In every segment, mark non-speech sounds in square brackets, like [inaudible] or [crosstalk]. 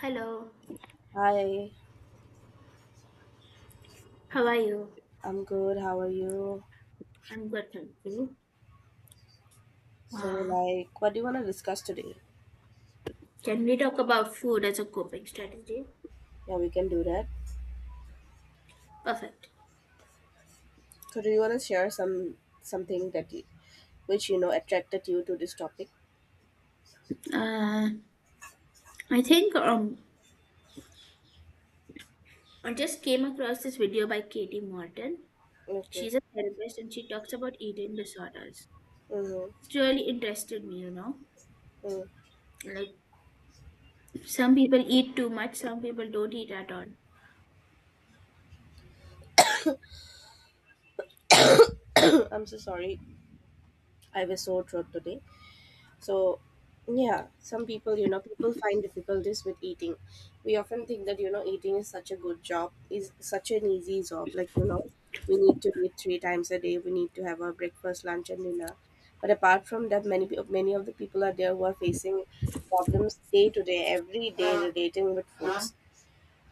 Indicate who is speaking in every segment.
Speaker 1: Hello,
Speaker 2: Hi,
Speaker 1: how are you?
Speaker 2: I'm good. How are you?
Speaker 1: I'm good, thank you.
Speaker 2: So,
Speaker 1: Uh,
Speaker 2: like, what do you want to discuss today?
Speaker 1: can we talk about food as a coping strategy?
Speaker 2: Yeah, we can do that.
Speaker 1: Perfect.
Speaker 2: So, do you want to share something that you, which attracted you to this topic?
Speaker 1: Uh, I think I just came across this video by Katie Morton.
Speaker 2: Okay.
Speaker 1: She's a therapist and she talks about eating disorders.
Speaker 2: Mm-hmm.
Speaker 1: It's really interested me.
Speaker 2: Mm.
Speaker 1: Like some people eat too much, some people don't eat at all.
Speaker 2: [coughs] I'm so sorry. I was so drunk today. So, yeah, some people, people find difficulties with eating. We often think that, eating is such a good job, is such an easy job. Like, we need to eat three times a day, we need to have our breakfast, lunch, and dinner. But apart from that, many of the people are there who are facing problems day to day, every day relating with foods.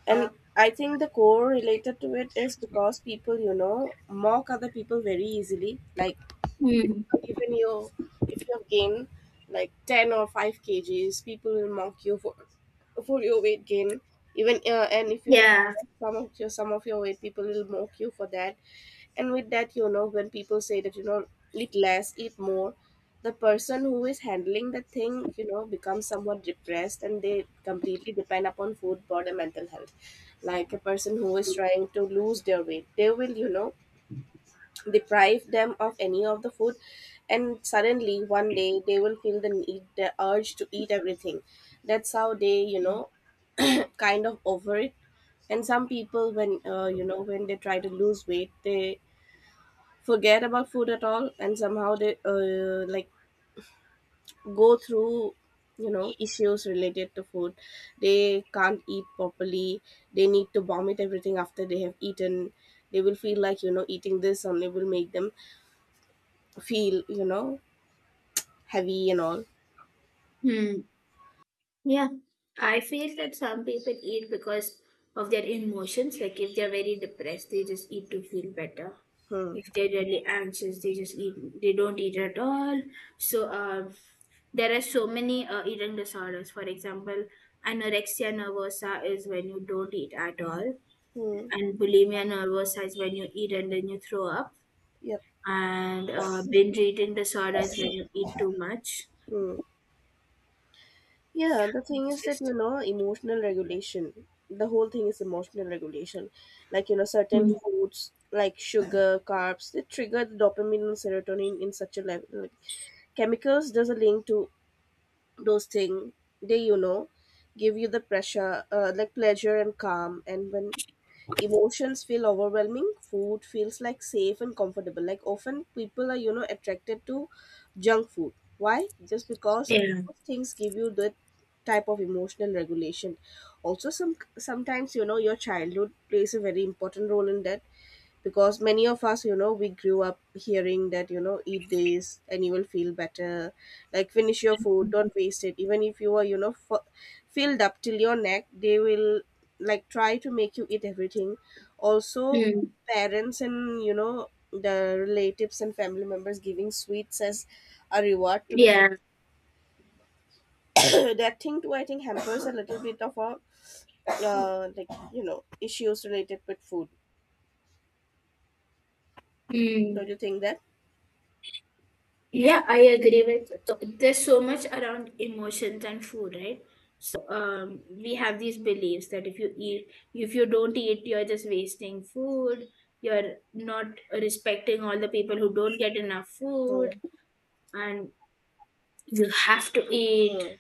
Speaker 2: And I think the core related to it is because people, mock other people very easily. Like,
Speaker 1: Hmm.
Speaker 2: so even you, if you have gained like 10 or 5 kgs, people will mock you for your weight gain, even and if you have
Speaker 1: Yeah.
Speaker 2: lost some of your weight, people will mock you for that. And with that, when people say that, eat less, eat more, the person who is handling the thing, becomes somewhat depressed, and they completely depend upon food for their mental health. Like a person who is trying to lose their weight, they will, deprive them of any of the food, and suddenly one day they will feel the urge to eat everything. That's how they, [clears throat] kind of over it. And some people, when when they try to lose weight, they forget about food at all, and somehow they, like, go through, issues related to food. They can't eat properly, they need to vomit everything after they have eaten. They will feel like, eating this only will make them feel, heavy and all.
Speaker 1: Hmm. Yeah, I feel that some people eat because of their emotions. Like if they're very depressed, they just eat to feel better.
Speaker 2: Hmm.
Speaker 1: If they're really anxious, they just eat. They don't eat at all. So there are so many eating disorders. For example, anorexia nervosa is when you don't eat at all,
Speaker 2: Hmm.
Speaker 1: and bulimia nervosa is when you eat and then you throw up,
Speaker 2: Yep.
Speaker 1: and binge eating disorder is when you eat too much.
Speaker 2: Hmm. Yeah, the thing
Speaker 1: It's
Speaker 2: is that,
Speaker 1: just.
Speaker 2: emotional regulation. The whole thing is emotional regulation. Like, certain
Speaker 1: Mm.
Speaker 2: foods like sugar, carbs, they trigger the dopamine and serotonin in such a level. Like, chemicals, there's a link to those things. They, give you the pressure, like, pleasure and calm. And when emotions feel overwhelming, food feels like safe and comfortable. Like, often people are, attracted to junk food. Why? Just because
Speaker 1: Yeah.
Speaker 2: those things give you that type of emotional regulation. Also, sometimes, your childhood plays a very important role in that, because many of us, we grew up hearing that, eat this and you will feel better. Like, finish your food, don't waste it, even if you are, filled up till your neck, they will, like, try to make you eat everything. Also,
Speaker 1: Mm.
Speaker 2: parents, and, the relatives and family members giving sweets as a reward to the
Speaker 1: Yeah.
Speaker 2: kid, [coughs] that thing too, I think, hampers a little bit of a, like, issues related with food. Don't
Speaker 1: Mm,
Speaker 2: you think that?
Speaker 1: yeah, I agree with, so there's so much around emotions and food, right? So we have these beliefs that if you don't eat, you're just wasting food. You're not respecting all the people who don't get enough food,
Speaker 2: Hmm,
Speaker 1: and you have to eat.
Speaker 2: hmm,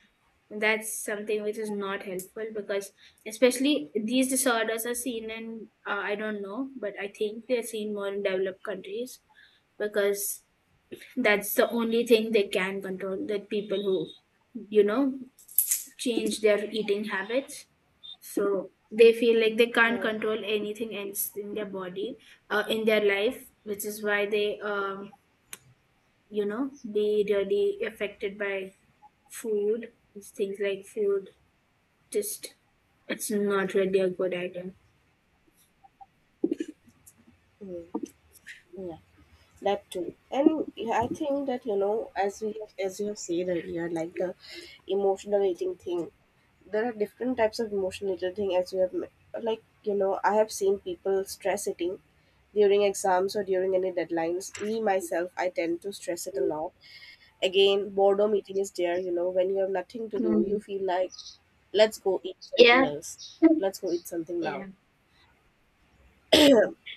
Speaker 1: That's something which is not helpful because, especially these disorders are seen in I don't know, but I think they're seen more in developed countries, because that's the only thing they can control. That people who, you know, change their eating habits. So they feel like they can't
Speaker 2: hmm,
Speaker 1: control anything else in their body, in their life, which is why they be really affected by food. It's Things like food, just it's not really a good idea.
Speaker 2: hmm. Yeah, that too. And yeah, I think that, as you have said earlier, like, the emotional eating thing, there are different types of emotional eating thing, as we have, like, I have seen people stress eating during exams or during any deadlines. Me, myself, I tend to stress it a lot. Again, boredom eating is there, when you have nothing to do, you
Speaker 1: Mm.
Speaker 2: feel like, let's go eat something
Speaker 1: Yeah,
Speaker 2: else. Let's go eat something now.
Speaker 1: yeah.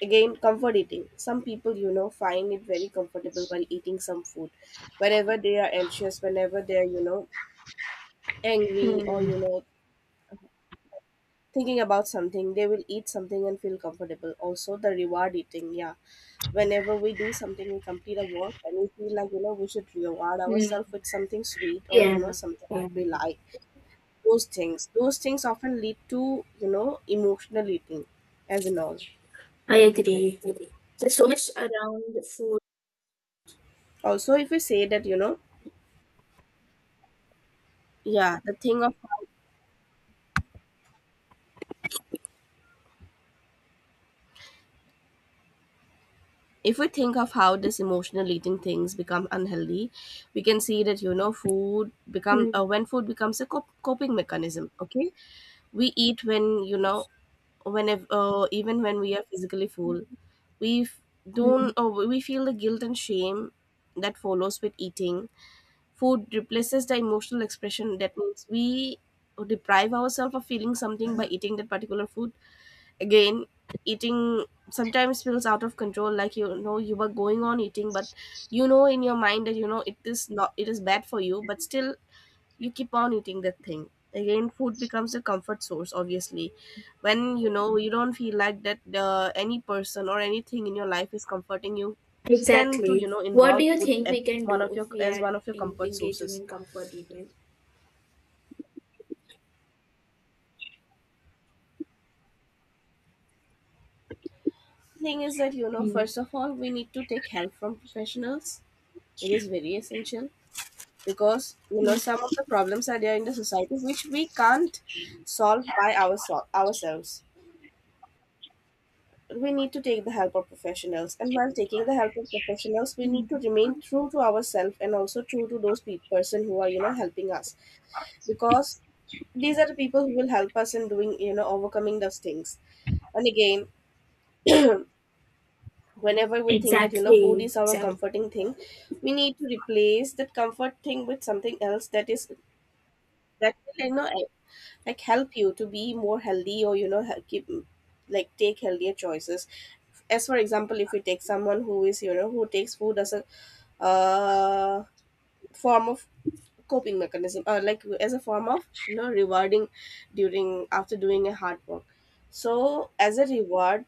Speaker 2: Again, comfort eating. Some people, find it very comfortable while eating some food. Whenever they are anxious, whenever they're, angry, or,
Speaker 1: Mm.
Speaker 2: thinking about something, they will eat something and feel comfortable. Also, the reward eating. Yeah. Whenever we do something, we complete a work and we feel like, we should reward
Speaker 1: Mm.
Speaker 2: ourselves with something sweet, or,
Speaker 1: Yeah,
Speaker 2: something
Speaker 1: yeah.
Speaker 2: that we like. Those things. Those things often lead to, emotional eating, as in all.
Speaker 1: I agree. There's so much around food.
Speaker 2: Also, if we say that, yeah, the thing of, if we think of how this emotional eating things become unhealthy, we can see that, food become
Speaker 1: Mm,
Speaker 2: when food becomes a coping mechanism. Okay, we eat when, whenever, even when we are physically full, we, f- don't
Speaker 1: mm.
Speaker 2: we feel the guilt and shame that follows with eating. Food replaces the emotional expression, that means we deprive ourselves of feeling something by eating that particular food. Again, eating sometimes feels out of control. Like, you were going on eating, but, in your mind that, it is not, it is bad for you, but still you keep on eating that thing. Again, food becomes a comfort source, obviously when, you don't feel like that, any person or anything in your life is comforting you. Tend to,
Speaker 1: Exactly. What do
Speaker 2: involve
Speaker 1: you
Speaker 2: food
Speaker 1: think
Speaker 2: at,
Speaker 1: we can
Speaker 2: one
Speaker 1: do
Speaker 2: of your
Speaker 1: if we
Speaker 2: as
Speaker 1: are
Speaker 2: one of your comfort
Speaker 1: engaging
Speaker 2: sources.
Speaker 1: in comfort eating?
Speaker 2: Thing is that,
Speaker 1: Mm,
Speaker 2: first of all, we need to take help from professionals. It is very essential, because,
Speaker 1: mm,
Speaker 2: some of the problems are there in the society which we can't solve by ourselves. We need to take the help of professionals, and while taking the help of professionals, we need to
Speaker 1: mm.
Speaker 2: remain true to ourselves, and also true to those person who are, helping us, because these are the people who will help us in doing, overcoming those things. And again, [clears throat] whenever we think that, food
Speaker 1: Exactly.
Speaker 2: is our
Speaker 1: Exactly.
Speaker 2: comforting thing, we need to replace that comfort thing with something else, that will, like, help you to be more healthy, or, you know he- keep like, take healthier choices. As for example, if we take someone who is, you know, who takes food as a, uh, form of coping mechanism, or like, as a form of, rewarding during, after doing a hard work, so as a reward,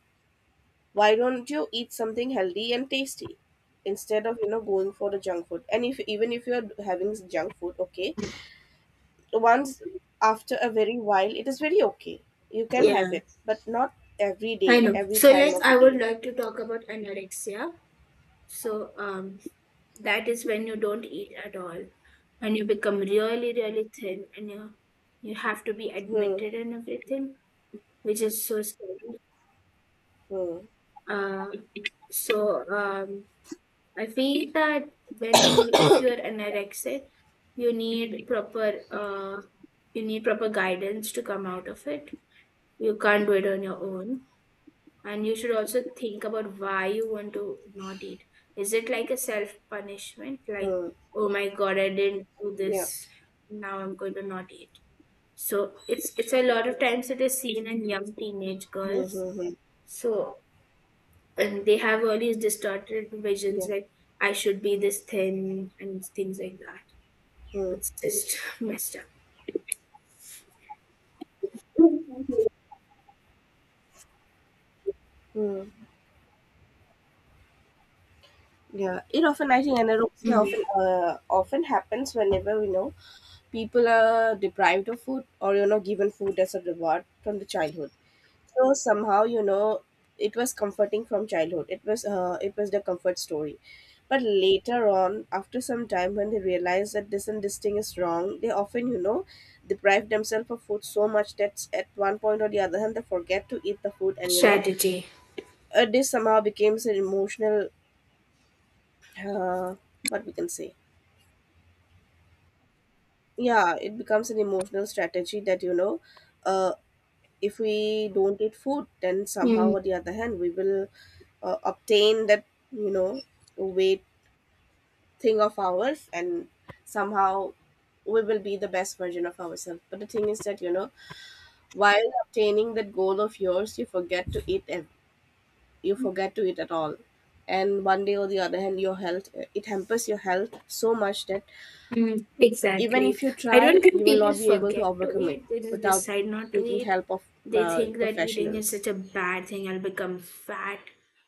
Speaker 2: why don't you eat something healthy and tasty, instead of, going for the junk food? And, if, even if you are having junk food, okay, once, after a very while, it is very okay, you can have
Speaker 1: Yeah,
Speaker 2: it, but not every
Speaker 1: I
Speaker 2: day,
Speaker 1: know.
Speaker 2: every
Speaker 1: So,
Speaker 2: time
Speaker 1: like,
Speaker 2: of the
Speaker 1: I would
Speaker 2: day.
Speaker 1: like to talk about anorexia. So, that is when you don't eat at all and you become really, really thin and you have to be
Speaker 2: Hmm.
Speaker 1: admitted and everything, which is so scary.
Speaker 2: Hmm.
Speaker 1: Uh, so, I feel that when if you're anorexic, you need proper uh, you need proper guidance to come out of it. You can't do it on your own, and you should also think about why you want to not eat. Is it like a self punishment, like
Speaker 2: Hmm.
Speaker 1: oh my god, I didn't do
Speaker 2: Yeah.
Speaker 1: this, now I'm going to not eat? So it's a lot of times it is seen in young teenage
Speaker 2: Hmm.
Speaker 1: girls.
Speaker 2: Hmm. Hmm.
Speaker 1: So and they have all these distorted
Speaker 2: Yeah.
Speaker 1: visions like I should be this thin and things like that.
Speaker 2: Hmm.
Speaker 1: It's just [laughs] messed up.
Speaker 2: Hmm. Yeah, it often I think anorexia
Speaker 1: Mm.
Speaker 2: often happens whenever, people are deprived of food, or, given food as a reward from the childhood. So somehow, it was comforting from childhood. It was the comfort story. But later on, after some time, when they realize that this and this thing is wrong, they often, deprive themselves of food so much that at one point, or the other hand, they forget to eat the food, and,
Speaker 1: Strategy.
Speaker 2: this somehow becomes an emotional, uh, what we can say, yeah, it becomes an emotional strategy. That, uh, if we don't eat food, then somehow
Speaker 1: Mm.
Speaker 2: or the other hand, we will, obtain that, you know weight thing of ours, and somehow we will be the best version of ourselves. But the thing is that, while obtaining that goal of yours, you forget to eat at all, and one day or the other hand, your health it hampers your health so much that,
Speaker 1: Mm.
Speaker 2: even if
Speaker 1: Exactly.
Speaker 2: you
Speaker 1: I don't
Speaker 2: try, you
Speaker 1: think
Speaker 2: will
Speaker 1: people
Speaker 2: not be able to
Speaker 1: forget to
Speaker 2: overcome it
Speaker 1: eat. They just
Speaker 2: without
Speaker 1: decide not to
Speaker 2: taking
Speaker 1: eat.
Speaker 2: help of,
Speaker 1: They think that eating is
Speaker 2: professionals.
Speaker 1: such a bad thing. I'll become fat.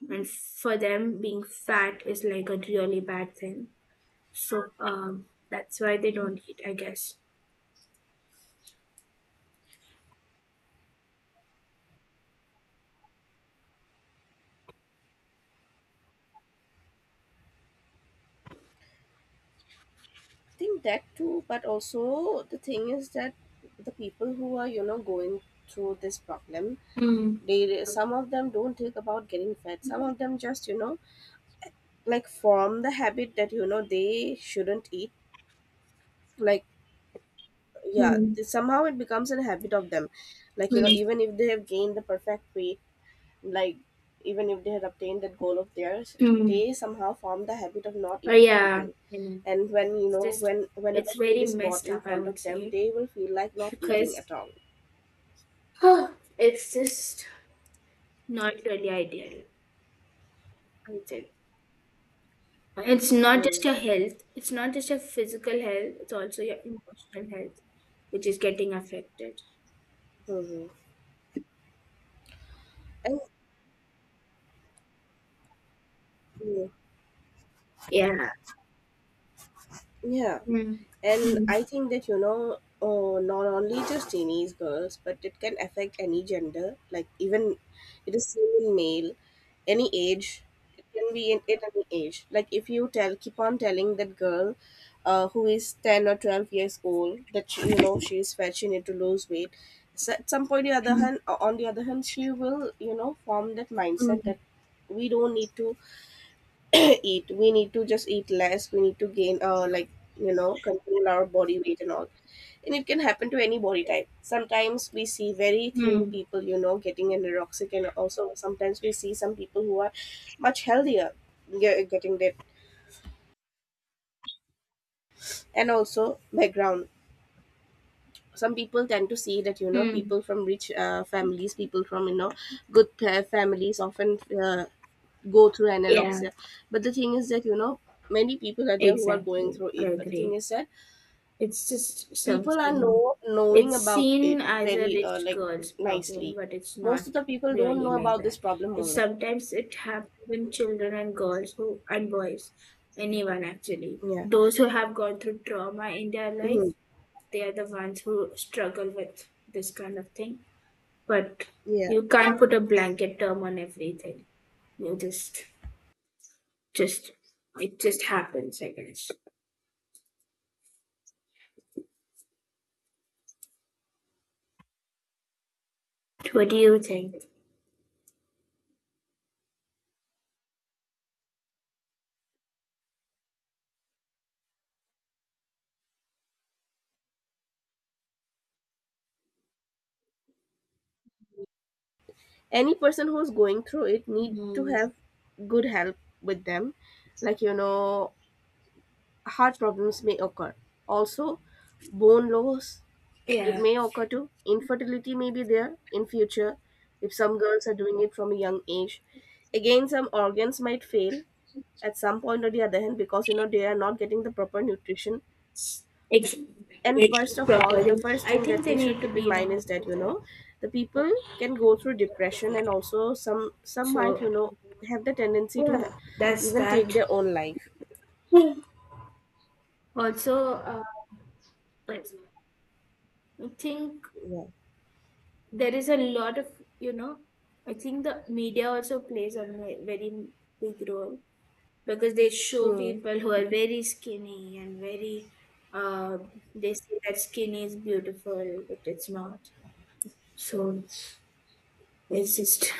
Speaker 1: And for them, being fat is like a really bad thing. So that's why they don't eat, I guess.
Speaker 2: Think that too, but also the thing is that, the people who are, going through this problem,
Speaker 1: Mm.
Speaker 2: they some of them don't think about getting fat. Some of them just, like, form the habit that, they shouldn't eat. Like, yeah,
Speaker 1: Mm.
Speaker 2: somehow it becomes a habit of them. Like,
Speaker 1: Mm.
Speaker 2: even if they have gained the perfect weight, like, even if they had obtained that goal of theirs,
Speaker 1: Mm.
Speaker 2: they somehow form the habit of not
Speaker 1: But
Speaker 2: eating
Speaker 1: yeah,
Speaker 2: anything. And
Speaker 1: it's just
Speaker 2: whenever
Speaker 1: it's
Speaker 2: food
Speaker 1: very
Speaker 2: is bought
Speaker 1: messed
Speaker 2: in
Speaker 1: up, I
Speaker 2: front
Speaker 1: would
Speaker 2: of them,
Speaker 1: say,
Speaker 2: they will feel like not eating
Speaker 1: because
Speaker 2: at all.
Speaker 1: [sighs] it's just not really ideal. I would say it's not just your health; it's not just your physical health; it's also your emotional health, which is getting affected.
Speaker 2: Mm-hmm. And, mm,
Speaker 1: Yeah.
Speaker 2: yeah,
Speaker 1: Mm.
Speaker 2: and
Speaker 1: Mm.
Speaker 2: I think that not only just teenage girls, but it can affect any gender, like even it is seen in male, any age. It can be in at any age. Like if you tell keep on telling that girl, who is 10 or 12 years old, that she, you know she is fat, she need to lose weight. So at some point, the other
Speaker 1: Mm.
Speaker 2: hand on the other hand, she will form that mindset
Speaker 1: Mm.
Speaker 2: that we don't need to [clears throat] eat. We need to just eat less. We need to gain like, control our body weight and all. And it can happen to any body type. Sometimes we see very thin
Speaker 1: Mm.
Speaker 2: people, getting anorexic. And also sometimes we see some people who are much healthier getting that. And also background, some people tend to see that
Speaker 1: Mm.
Speaker 2: people from rich families, people from good families often uh, go through
Speaker 1: Yeah.
Speaker 2: anorexia. But the thing is that, many people are there who are going
Speaker 1: Exactly.
Speaker 2: through
Speaker 1: I
Speaker 2: it. But the thing
Speaker 1: agree.
Speaker 2: is that
Speaker 1: It's just
Speaker 2: people are
Speaker 1: something.
Speaker 2: knowing
Speaker 1: It's
Speaker 2: about it
Speaker 1: seen as a
Speaker 2: very
Speaker 1: rich
Speaker 2: like,
Speaker 1: girl's problem,
Speaker 2: nicely.
Speaker 1: but it's not
Speaker 2: Most of the people don't
Speaker 1: really
Speaker 2: know
Speaker 1: like
Speaker 2: about this
Speaker 1: that.
Speaker 2: problem
Speaker 1: It's
Speaker 2: only.
Speaker 1: Sometimes it happens in children and girls who and boys, anyone actually.
Speaker 2: Yeah.
Speaker 1: Those who have gone through trauma in their life,
Speaker 2: Hmm.
Speaker 1: they are the ones who struggle with this kind of thing. But
Speaker 2: Yeah.
Speaker 1: you can't put a blanket term on everything. You just it just happens, I guess. What do you think?
Speaker 2: Any person who's going through it need to
Speaker 1: Mhm.
Speaker 2: have good help with them. Like, heart problems may occur. Also bone loss. It
Speaker 1: Yeah.
Speaker 2: may occur to infertility may be there in future if some girls are doing it from a young age. Again, some organs might fail at some point or the other hand, because they are not getting the proper nutrition.
Speaker 1: Ex-
Speaker 2: And
Speaker 1: ex-
Speaker 2: first of all, the
Speaker 1: Properly.
Speaker 2: first
Speaker 1: I
Speaker 2: thing that
Speaker 1: think
Speaker 2: we
Speaker 1: they
Speaker 2: should
Speaker 1: need to
Speaker 2: keep in
Speaker 1: be in a
Speaker 2: mind is that
Speaker 1: hospital.
Speaker 2: the people can go through depression. And also some might
Speaker 1: So
Speaker 2: have the tendency to
Speaker 1: yeah, that's
Speaker 2: even take
Speaker 1: that.
Speaker 2: their own life.
Speaker 1: Also, like, I think
Speaker 2: Yeah.
Speaker 1: there is a lot of you know. I think the media also plays a very big role because they show
Speaker 2: Hmm.
Speaker 1: people who are very skinny and very. Uh, they say that skinny is beautiful, but it's not. So it's just.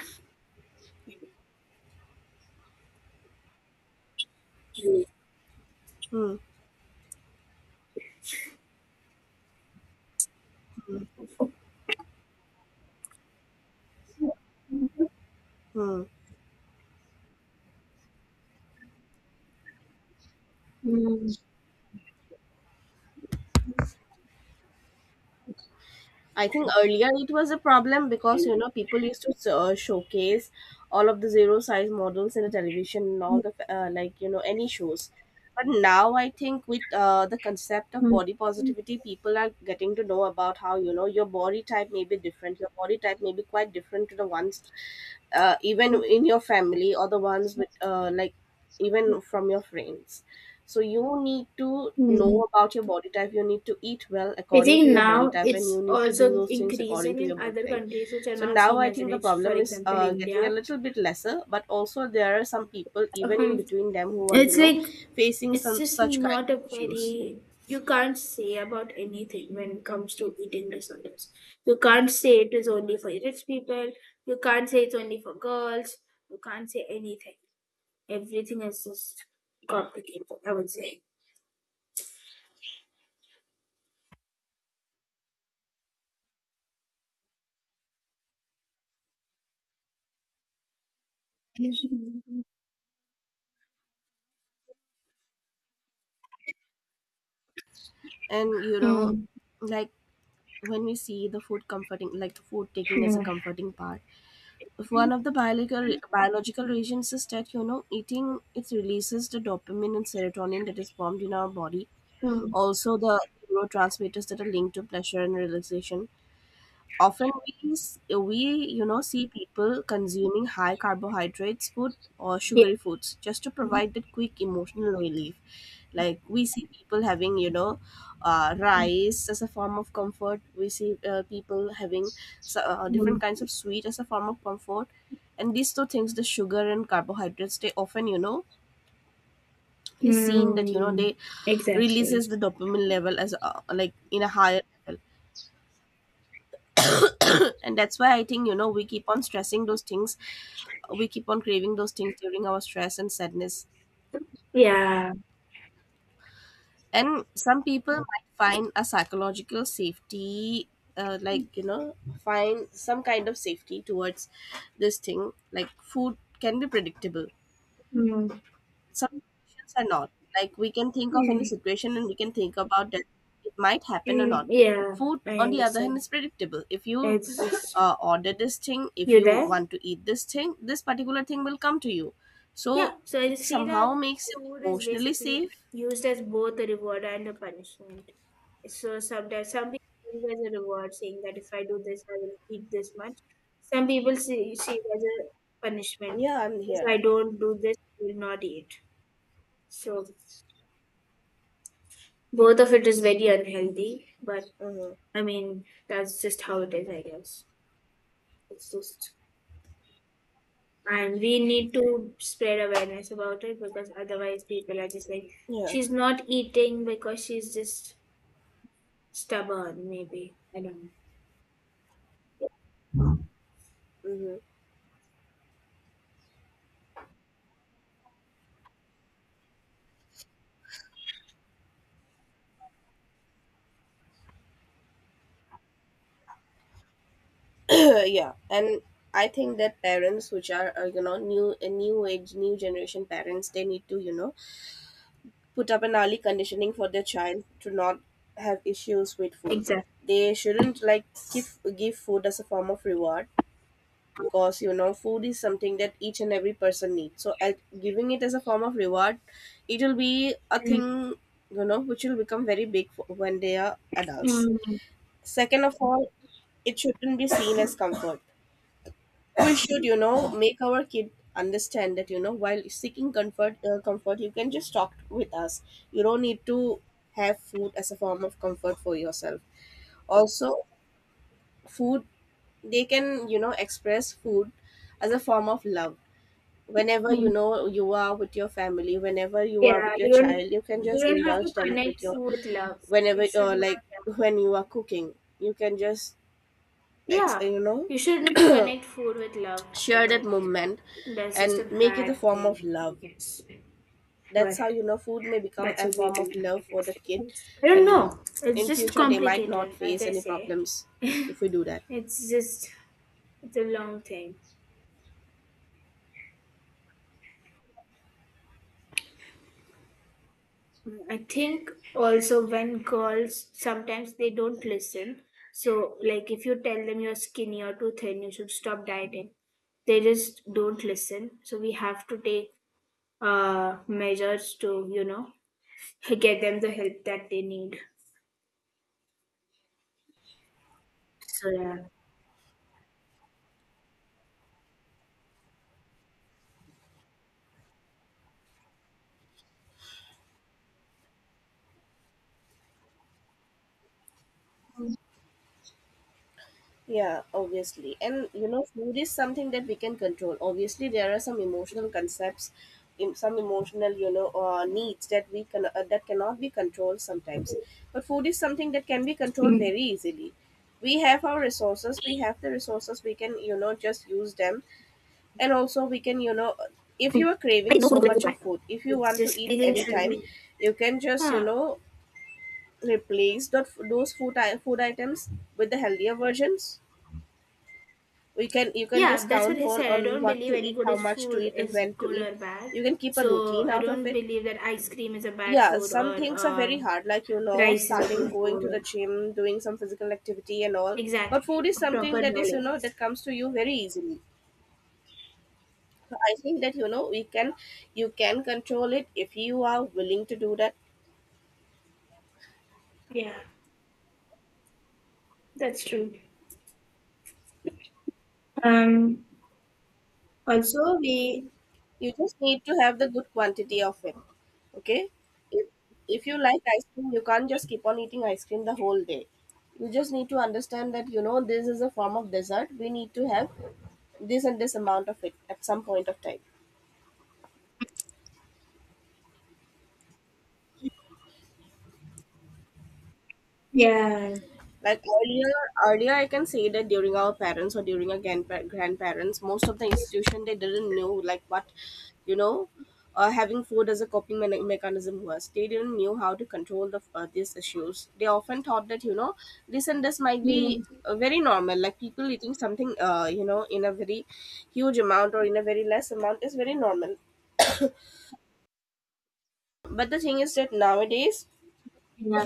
Speaker 2: Hmm. Hmm.
Speaker 1: Mm.
Speaker 2: I think earlier it was a problem because people used to showcase all of the zero size models in the television and
Speaker 1: Mhm.
Speaker 2: all the like, any shows. But now I think with the concept of body
Speaker 1: Mhm.
Speaker 2: positivity, people are getting to know about how your body type may be different. Your body type may be quite different to the ones, even in your family, or the ones with, like, even from your friends. So you need to know about your body type, you need to eat well
Speaker 1: I
Speaker 2: according to
Speaker 1: think
Speaker 2: your body
Speaker 1: now
Speaker 2: type, and you
Speaker 1: it's
Speaker 2: need to do
Speaker 1: also
Speaker 2: those things according
Speaker 1: increasing
Speaker 2: to your
Speaker 1: in
Speaker 2: body
Speaker 1: other
Speaker 2: type.
Speaker 1: countries which are
Speaker 2: So
Speaker 1: not
Speaker 2: now
Speaker 1: seen
Speaker 2: I
Speaker 1: as
Speaker 2: think the
Speaker 1: rich, for
Speaker 2: problem is
Speaker 1: example,
Speaker 2: getting a
Speaker 1: India.
Speaker 2: little bit lesser, but also there are some people even in
Speaker 1: Um,
Speaker 2: between them who are,
Speaker 1: it's like,
Speaker 2: facing
Speaker 1: it's
Speaker 2: some
Speaker 1: just
Speaker 2: such kind
Speaker 1: not
Speaker 2: of
Speaker 1: a
Speaker 2: issues.
Speaker 1: very, you can't say about anything when it comes to eating disorders. You can't say it is only for rich people, you can't say it's only for girls, you can't say anything. Everything is just complicated, I would say.
Speaker 2: And,
Speaker 1: Mm.
Speaker 2: like, when we see the food comforting, like the food taking as a
Speaker 1: Yeah.
Speaker 2: comforting part, one of the biological reasons is that eating it releases the dopamine and serotonin that is formed in our body.
Speaker 1: Mm.
Speaker 2: Also the neurotransmitters that are linked to pleasure and relaxation, often we, see people consuming high carbohydrates food or sugary foods just to
Speaker 1: Yeah.
Speaker 2: provide that quick emotional relief. Like we see people having, rice as a form of comfort. We see, people having, so, different
Speaker 1: Mm.
Speaker 2: kinds of sweet as a form of comfort. And these two things, the sugar and carbohydrates, they often, is seen that
Speaker 1: Mm.
Speaker 2: they
Speaker 1: Exactly.
Speaker 2: releases the dopamine level as, like, in a higher level. And that's why I think we keep on stressing those things. We keep on craving those things during our stress and sadness.
Speaker 1: Yeah.
Speaker 2: And some people might find a psychological safety, like,
Speaker 1: Mm.
Speaker 2: find some kind of safety towards this thing. Like food can be predictable,
Speaker 1: Mm.
Speaker 2: some situations are not. Like we can think of any situation and we can think about that it might happen or
Speaker 1: Mm.
Speaker 2: not. But
Speaker 1: Yeah,
Speaker 2: food
Speaker 1: I
Speaker 2: on the other hand
Speaker 1: understand.
Speaker 2: is predictable. If you
Speaker 1: It's just,
Speaker 2: order this thing, if
Speaker 1: you
Speaker 2: you
Speaker 1: there?
Speaker 2: want to eat this thing, this particular thing will come to you. So
Speaker 1: Yeah. So I
Speaker 2: it
Speaker 1: just feel that
Speaker 2: somehow makes you
Speaker 1: food is
Speaker 2: emotionally
Speaker 1: basically
Speaker 2: safe.
Speaker 1: used as both a reward and a punishment. So sometimes some people see it as a reward, saying that if I do this, I will eat this much. Some people see it as a punishment.
Speaker 2: Yeah, I'm
Speaker 1: If
Speaker 2: here.
Speaker 1: I don't do this, I will not eat. So both of it is very unhealthy, but I mean, that's just how it is, I guess. It's just, and we need to spread awareness about it because otherwise people are just like,
Speaker 2: Yeah.
Speaker 1: she's not eating because she's just stubborn, maybe. I don't know.
Speaker 2: Hmm. [coughs] [clears throat] Yeah, and I think that parents which are, new a new age, new generation parents, they need to, put up an early conditioning for their child to not have issues with food.
Speaker 1: Exactly.
Speaker 2: They shouldn't like give food as a form of reward, because food is something that each and every person needs. So as giving it as a form of reward, it will be a thing, which will become very big for when they are adults.
Speaker 1: Mm,
Speaker 2: Second of all, it shouldn't be seen as comfort. We should, make our kid understand that while seeking comfort, you can just talk with us. You don't need to have food as a form of comfort for yourself. Also food, they can, express food as a form of love. Whenever
Speaker 1: mm.
Speaker 2: you are with your family, whenever you are
Speaker 1: Yeah,
Speaker 2: with your
Speaker 1: you don't
Speaker 2: child, you can
Speaker 1: you
Speaker 2: just
Speaker 1: don't have to
Speaker 2: indulge them
Speaker 1: connect
Speaker 2: with your.
Speaker 1: food with love.
Speaker 2: Whenever,
Speaker 1: You should
Speaker 2: like,
Speaker 1: not.
Speaker 2: when you are cooking, you can just
Speaker 1: Yeah,
Speaker 2: ex-
Speaker 1: yeah.
Speaker 2: you know
Speaker 1: You shouldn't connect food with love
Speaker 2: share that
Speaker 1: ever.
Speaker 2: moment
Speaker 1: That's just
Speaker 2: and
Speaker 1: a
Speaker 2: make it a
Speaker 1: bad
Speaker 2: form of
Speaker 1: thing, I
Speaker 2: love.
Speaker 1: guess.
Speaker 2: That's
Speaker 1: But
Speaker 2: how food may become
Speaker 1: that's
Speaker 2: a
Speaker 1: a great
Speaker 2: form of love for that kid.
Speaker 1: one. I don't
Speaker 2: And
Speaker 1: know. It's
Speaker 2: in
Speaker 1: just
Speaker 2: future they might not
Speaker 1: complicated, as
Speaker 2: face
Speaker 1: I
Speaker 2: any
Speaker 1: say.
Speaker 2: problems if we do that.
Speaker 1: It's just, it's a long thing. I think also when girls sometimes they don't listen. So like if you tell them you're skinny or too thin, you should stop dieting. They just don't listen. So we have to take measures to get them the help that they need. So yeah.
Speaker 2: Yeah, obviously. And food is something that we can control. Obviously there are some emotional concepts, in some emotional, needs that we can that cannot be controlled sometimes. But food is something that can be controlled
Speaker 1: Mm.
Speaker 2: very easily. We have the resources. We can, just use them. And also we can, if you are craving so much of food, if you
Speaker 1: It's
Speaker 2: want to
Speaker 1: just
Speaker 2: eat
Speaker 1: everything should
Speaker 2: anytime,
Speaker 1: be,
Speaker 2: you can just,
Speaker 1: huh.
Speaker 2: replace that those food items with the healthier versions. We can You can just
Speaker 1: Yeah, that's what
Speaker 2: count
Speaker 1: I said. I
Speaker 2: on
Speaker 1: don't
Speaker 2: what
Speaker 1: believe
Speaker 2: to
Speaker 1: any
Speaker 2: eat,
Speaker 1: good
Speaker 2: how
Speaker 1: is
Speaker 2: much to
Speaker 1: food
Speaker 2: eat, and
Speaker 1: is
Speaker 2: when to
Speaker 1: good
Speaker 2: eat.
Speaker 1: or bad.
Speaker 2: You can keep a
Speaker 1: So
Speaker 2: routine
Speaker 1: I
Speaker 2: out of
Speaker 1: don't
Speaker 2: it.
Speaker 1: believe that ice cream is a bad
Speaker 2: Yeah,
Speaker 1: food
Speaker 2: some
Speaker 1: or
Speaker 2: things are very hard, like,
Speaker 1: rice is a
Speaker 2: starting
Speaker 1: good
Speaker 2: [coughs] going to the
Speaker 1: food.
Speaker 2: gym, doing some physical activity and all. But food
Speaker 1: Exactly,
Speaker 2: is
Speaker 1: a
Speaker 2: something
Speaker 1: proper
Speaker 2: that is,
Speaker 1: balance.
Speaker 2: that comes to you very easily. So I think that we can you can control it if you are willing to do that.
Speaker 1: Yeah, that's true. Um. Also, we
Speaker 2: You just need to have the good quantity of it. Okay? If if you like ice cream, you can't just keep on eating ice cream the whole day. You just need to understand that this is a form of dessert. We need to have this and this amount of it at some point of time.
Speaker 1: yeah.
Speaker 2: Like earlier, I can say that during our parents or during our grandparents, most of the institution they didn't know like what, you know, having food as a mechanism was. They didn't knew how to control these issues. They often thought that this and this might be,
Speaker 1: Mm,
Speaker 2: very normal. Like people eating something, in a very huge amount or in a very less amount, is very normal. But the thing is that nowadays
Speaker 1: yeah.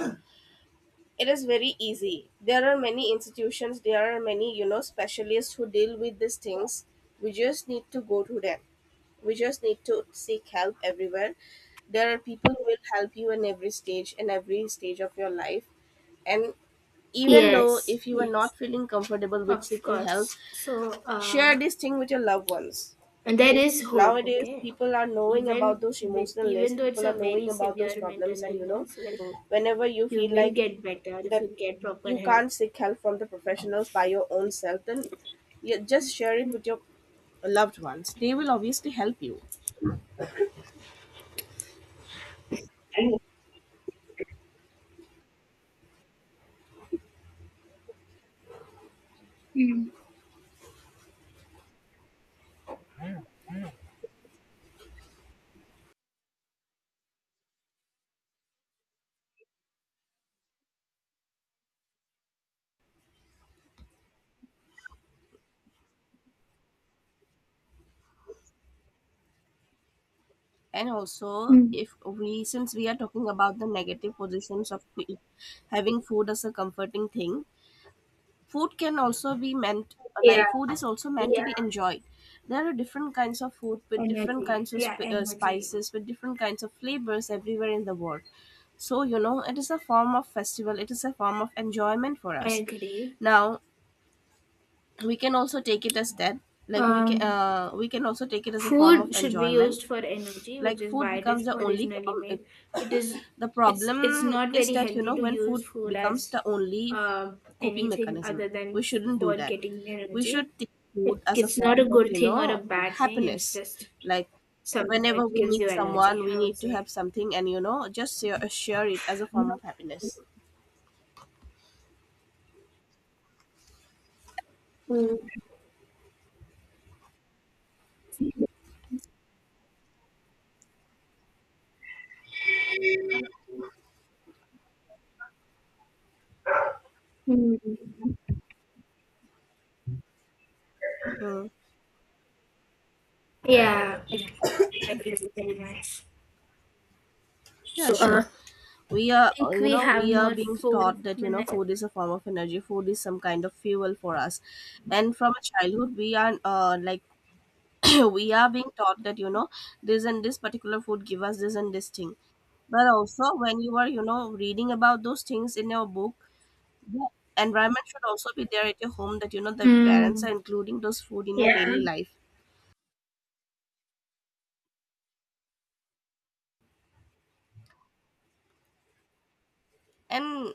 Speaker 2: it is very easy. There are many institutions, there are many, specialists who deal with these things. We just need to go to them. We just need to seek help everywhere. There are people who will help you in every stage of your life. And even though
Speaker 1: Yes.
Speaker 2: if you are
Speaker 1: Yes.
Speaker 2: not feeling comfortable with
Speaker 1: Of
Speaker 2: seeking help,
Speaker 1: course. So
Speaker 2: share this thing with your loved ones.
Speaker 1: and there
Speaker 2: Okay?
Speaker 1: is hope.
Speaker 2: Nowadays,
Speaker 1: Okay.
Speaker 2: people are knowing about those emotional
Speaker 1: Even
Speaker 2: lists,
Speaker 1: though it's
Speaker 2: people are
Speaker 1: a
Speaker 2: knowing
Speaker 1: very
Speaker 2: about those
Speaker 1: severe mental
Speaker 2: problems, and,
Speaker 1: illness,
Speaker 2: whenever you
Speaker 1: you
Speaker 2: feel
Speaker 1: will
Speaker 2: like
Speaker 1: get better if
Speaker 2: that
Speaker 1: you get proper
Speaker 2: you
Speaker 1: help.
Speaker 2: can't seek help from the professionals by your own self, then you just share it with your loved ones. They will obviously help you.
Speaker 1: Mm,
Speaker 2: And also,
Speaker 1: mm.
Speaker 2: if we since we are talking about the negative positions of having food as a comforting thing, food can also be meant,
Speaker 1: Yeah,
Speaker 2: like food is also meant to
Speaker 1: yeah.
Speaker 2: be enjoyed. There are different kinds of food with different kinds
Speaker 1: Energy.
Speaker 2: of
Speaker 1: Yeah, energy.
Speaker 2: spices, with different kinds of flavors everywhere in the world. So it is a form of festival, it is a form of enjoyment for
Speaker 1: I
Speaker 2: us.
Speaker 1: agree.
Speaker 2: Now we can also take it as that. Like
Speaker 1: Um,
Speaker 2: we can also take it as a form of
Speaker 1: Food should be
Speaker 2: enjoyment.
Speaker 1: used for energy,
Speaker 2: Like
Speaker 1: which is
Speaker 2: food
Speaker 1: why it
Speaker 2: becomes
Speaker 1: is
Speaker 2: the only
Speaker 1: originally
Speaker 2: com-
Speaker 1: made. It is,
Speaker 2: The
Speaker 1: it's
Speaker 2: problem
Speaker 1: not
Speaker 2: is
Speaker 1: very
Speaker 2: that,
Speaker 1: healthy to
Speaker 2: when food
Speaker 1: use food
Speaker 2: becomes
Speaker 1: as
Speaker 2: the only coping
Speaker 1: anything
Speaker 2: mechanism,
Speaker 1: other
Speaker 2: we
Speaker 1: than
Speaker 2: shouldn't do
Speaker 1: for
Speaker 2: that.
Speaker 1: getting
Speaker 2: We should
Speaker 1: energy.
Speaker 2: take food
Speaker 1: It,
Speaker 2: as a
Speaker 1: it's not
Speaker 2: form
Speaker 1: a
Speaker 2: of,
Speaker 1: good thing or a bad thing. It's
Speaker 2: happiness.
Speaker 1: just
Speaker 2: Like
Speaker 1: something which
Speaker 2: whenever we
Speaker 1: gives you
Speaker 2: meet someone,
Speaker 1: energy,
Speaker 2: we
Speaker 1: I would
Speaker 2: need to have
Speaker 1: say.
Speaker 2: something and, just share it as a
Speaker 1: Yeah.
Speaker 2: form of happiness.
Speaker 1: Mm. Mm.
Speaker 2: Hmm.
Speaker 1: Yeah, I agree with you very much.
Speaker 2: Yeah,
Speaker 1: So
Speaker 2: sure.
Speaker 1: I think we have
Speaker 2: We are
Speaker 1: more
Speaker 2: being
Speaker 1: four
Speaker 2: taught that,
Speaker 1: minutes.
Speaker 2: food is a form of energy. Food is some kind of fuel for us. And from a childhood, we are like [coughs] [clears throat] we are being taught that this and this particular food give us this and this thing. But also when you are, reading about those things in your book, the environment should also be there at your home, that the parents
Speaker 1: Mm,
Speaker 2: are including those food in your
Speaker 1: yeah.
Speaker 2: daily life. And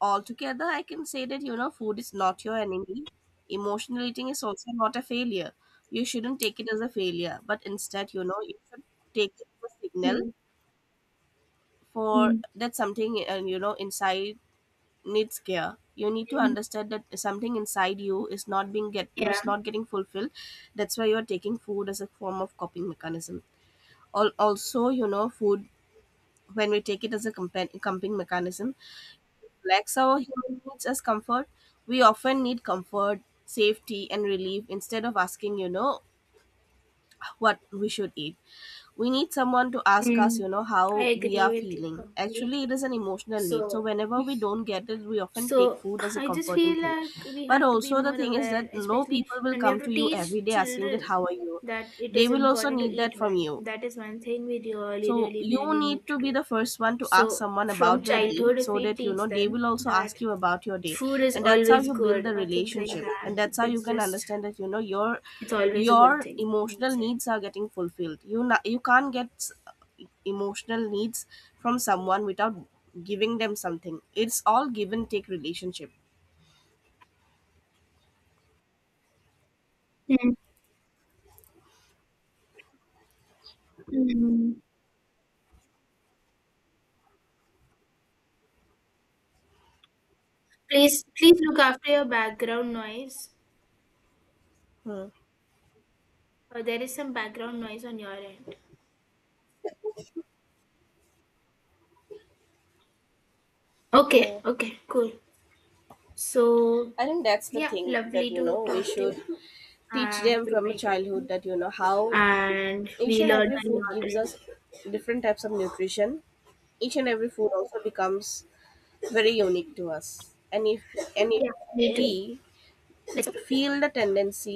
Speaker 2: altogether I can say that food is not your enemy, emotional eating is also not a failure. You shouldn't take it as a failure, but instead, you should take it as a signal
Speaker 1: Mm,
Speaker 2: for
Speaker 1: mm,
Speaker 2: that something. And, inside needs care. You need to
Speaker 1: mm,
Speaker 2: understand that something inside you is not being get is
Speaker 1: yeah.
Speaker 2: not getting fulfilled. That's why you're taking food as a form of coping mechanism. Also, food, when we take it as a coping mechanism, lacks our human needs as comfort. We often need comfort, safety and relief. Instead of asking, what we should eat, we need someone to ask us,
Speaker 1: Mm, I
Speaker 2: how we
Speaker 1: agree
Speaker 2: are
Speaker 1: with you
Speaker 2: feeling. Actually, it
Speaker 1: completely.
Speaker 2: is an emotional need, so
Speaker 1: So
Speaker 2: whenever we don't get it, we often
Speaker 1: so
Speaker 2: take food as a
Speaker 1: I just
Speaker 2: comforting
Speaker 1: feel
Speaker 2: thing.
Speaker 1: like we
Speaker 2: But
Speaker 1: have to be
Speaker 2: also the
Speaker 1: more
Speaker 2: thing is
Speaker 1: aware,
Speaker 2: that no,
Speaker 1: especially
Speaker 2: people will
Speaker 1: and we have
Speaker 2: come
Speaker 1: to
Speaker 2: to you every
Speaker 1: teach
Speaker 2: day asking that
Speaker 1: children
Speaker 2: how are you.
Speaker 1: that it
Speaker 2: They
Speaker 1: is
Speaker 2: will also
Speaker 1: important to
Speaker 2: need
Speaker 1: eat
Speaker 2: that from
Speaker 1: well.
Speaker 2: you.
Speaker 1: That is one thing we
Speaker 2: So
Speaker 1: really, really,
Speaker 2: you
Speaker 1: really
Speaker 2: need
Speaker 1: need to
Speaker 2: to be
Speaker 1: do.
Speaker 2: the first one to ask
Speaker 1: So
Speaker 2: someone
Speaker 1: from
Speaker 2: about their day,
Speaker 1: childhood, if
Speaker 2: so
Speaker 1: we
Speaker 2: that
Speaker 1: teach
Speaker 2: they
Speaker 1: them
Speaker 2: will also
Speaker 1: that
Speaker 2: ask you about your day.
Speaker 1: food is
Speaker 2: And that's how
Speaker 1: always
Speaker 2: you build
Speaker 1: good
Speaker 2: the
Speaker 1: or things like
Speaker 2: relationship.
Speaker 1: that.
Speaker 2: And that's how you
Speaker 1: It's
Speaker 2: can
Speaker 1: just
Speaker 2: understand that
Speaker 1: it's always a good
Speaker 2: your
Speaker 1: thing, I would
Speaker 2: emotional
Speaker 1: say.
Speaker 2: needs are getting fulfilled. You can't emotional needs from someone without giving them something. It's all give and take relationship.
Speaker 1: Mm, mm. Please look after your background noise.
Speaker 2: Hmm.
Speaker 1: There is some background noise on your end. Okay,
Speaker 2: Hmm.
Speaker 1: okay, cool. So
Speaker 2: I think that's the
Speaker 1: yeah,
Speaker 2: thing that,
Speaker 1: lovely to
Speaker 2: we
Speaker 1: talk to you
Speaker 2: should teach
Speaker 1: and
Speaker 2: them
Speaker 1: we
Speaker 2: from a
Speaker 1: connected.
Speaker 2: childhood that how
Speaker 1: And
Speaker 2: each
Speaker 1: we
Speaker 2: and
Speaker 1: learned
Speaker 2: every
Speaker 1: a
Speaker 2: food
Speaker 1: lot,
Speaker 2: gives
Speaker 1: right?
Speaker 2: us different types of nutrition, each and every food also becomes very unique to us, and if
Speaker 1: Yeah, me
Speaker 2: we
Speaker 1: too. Let's
Speaker 2: feel the tendency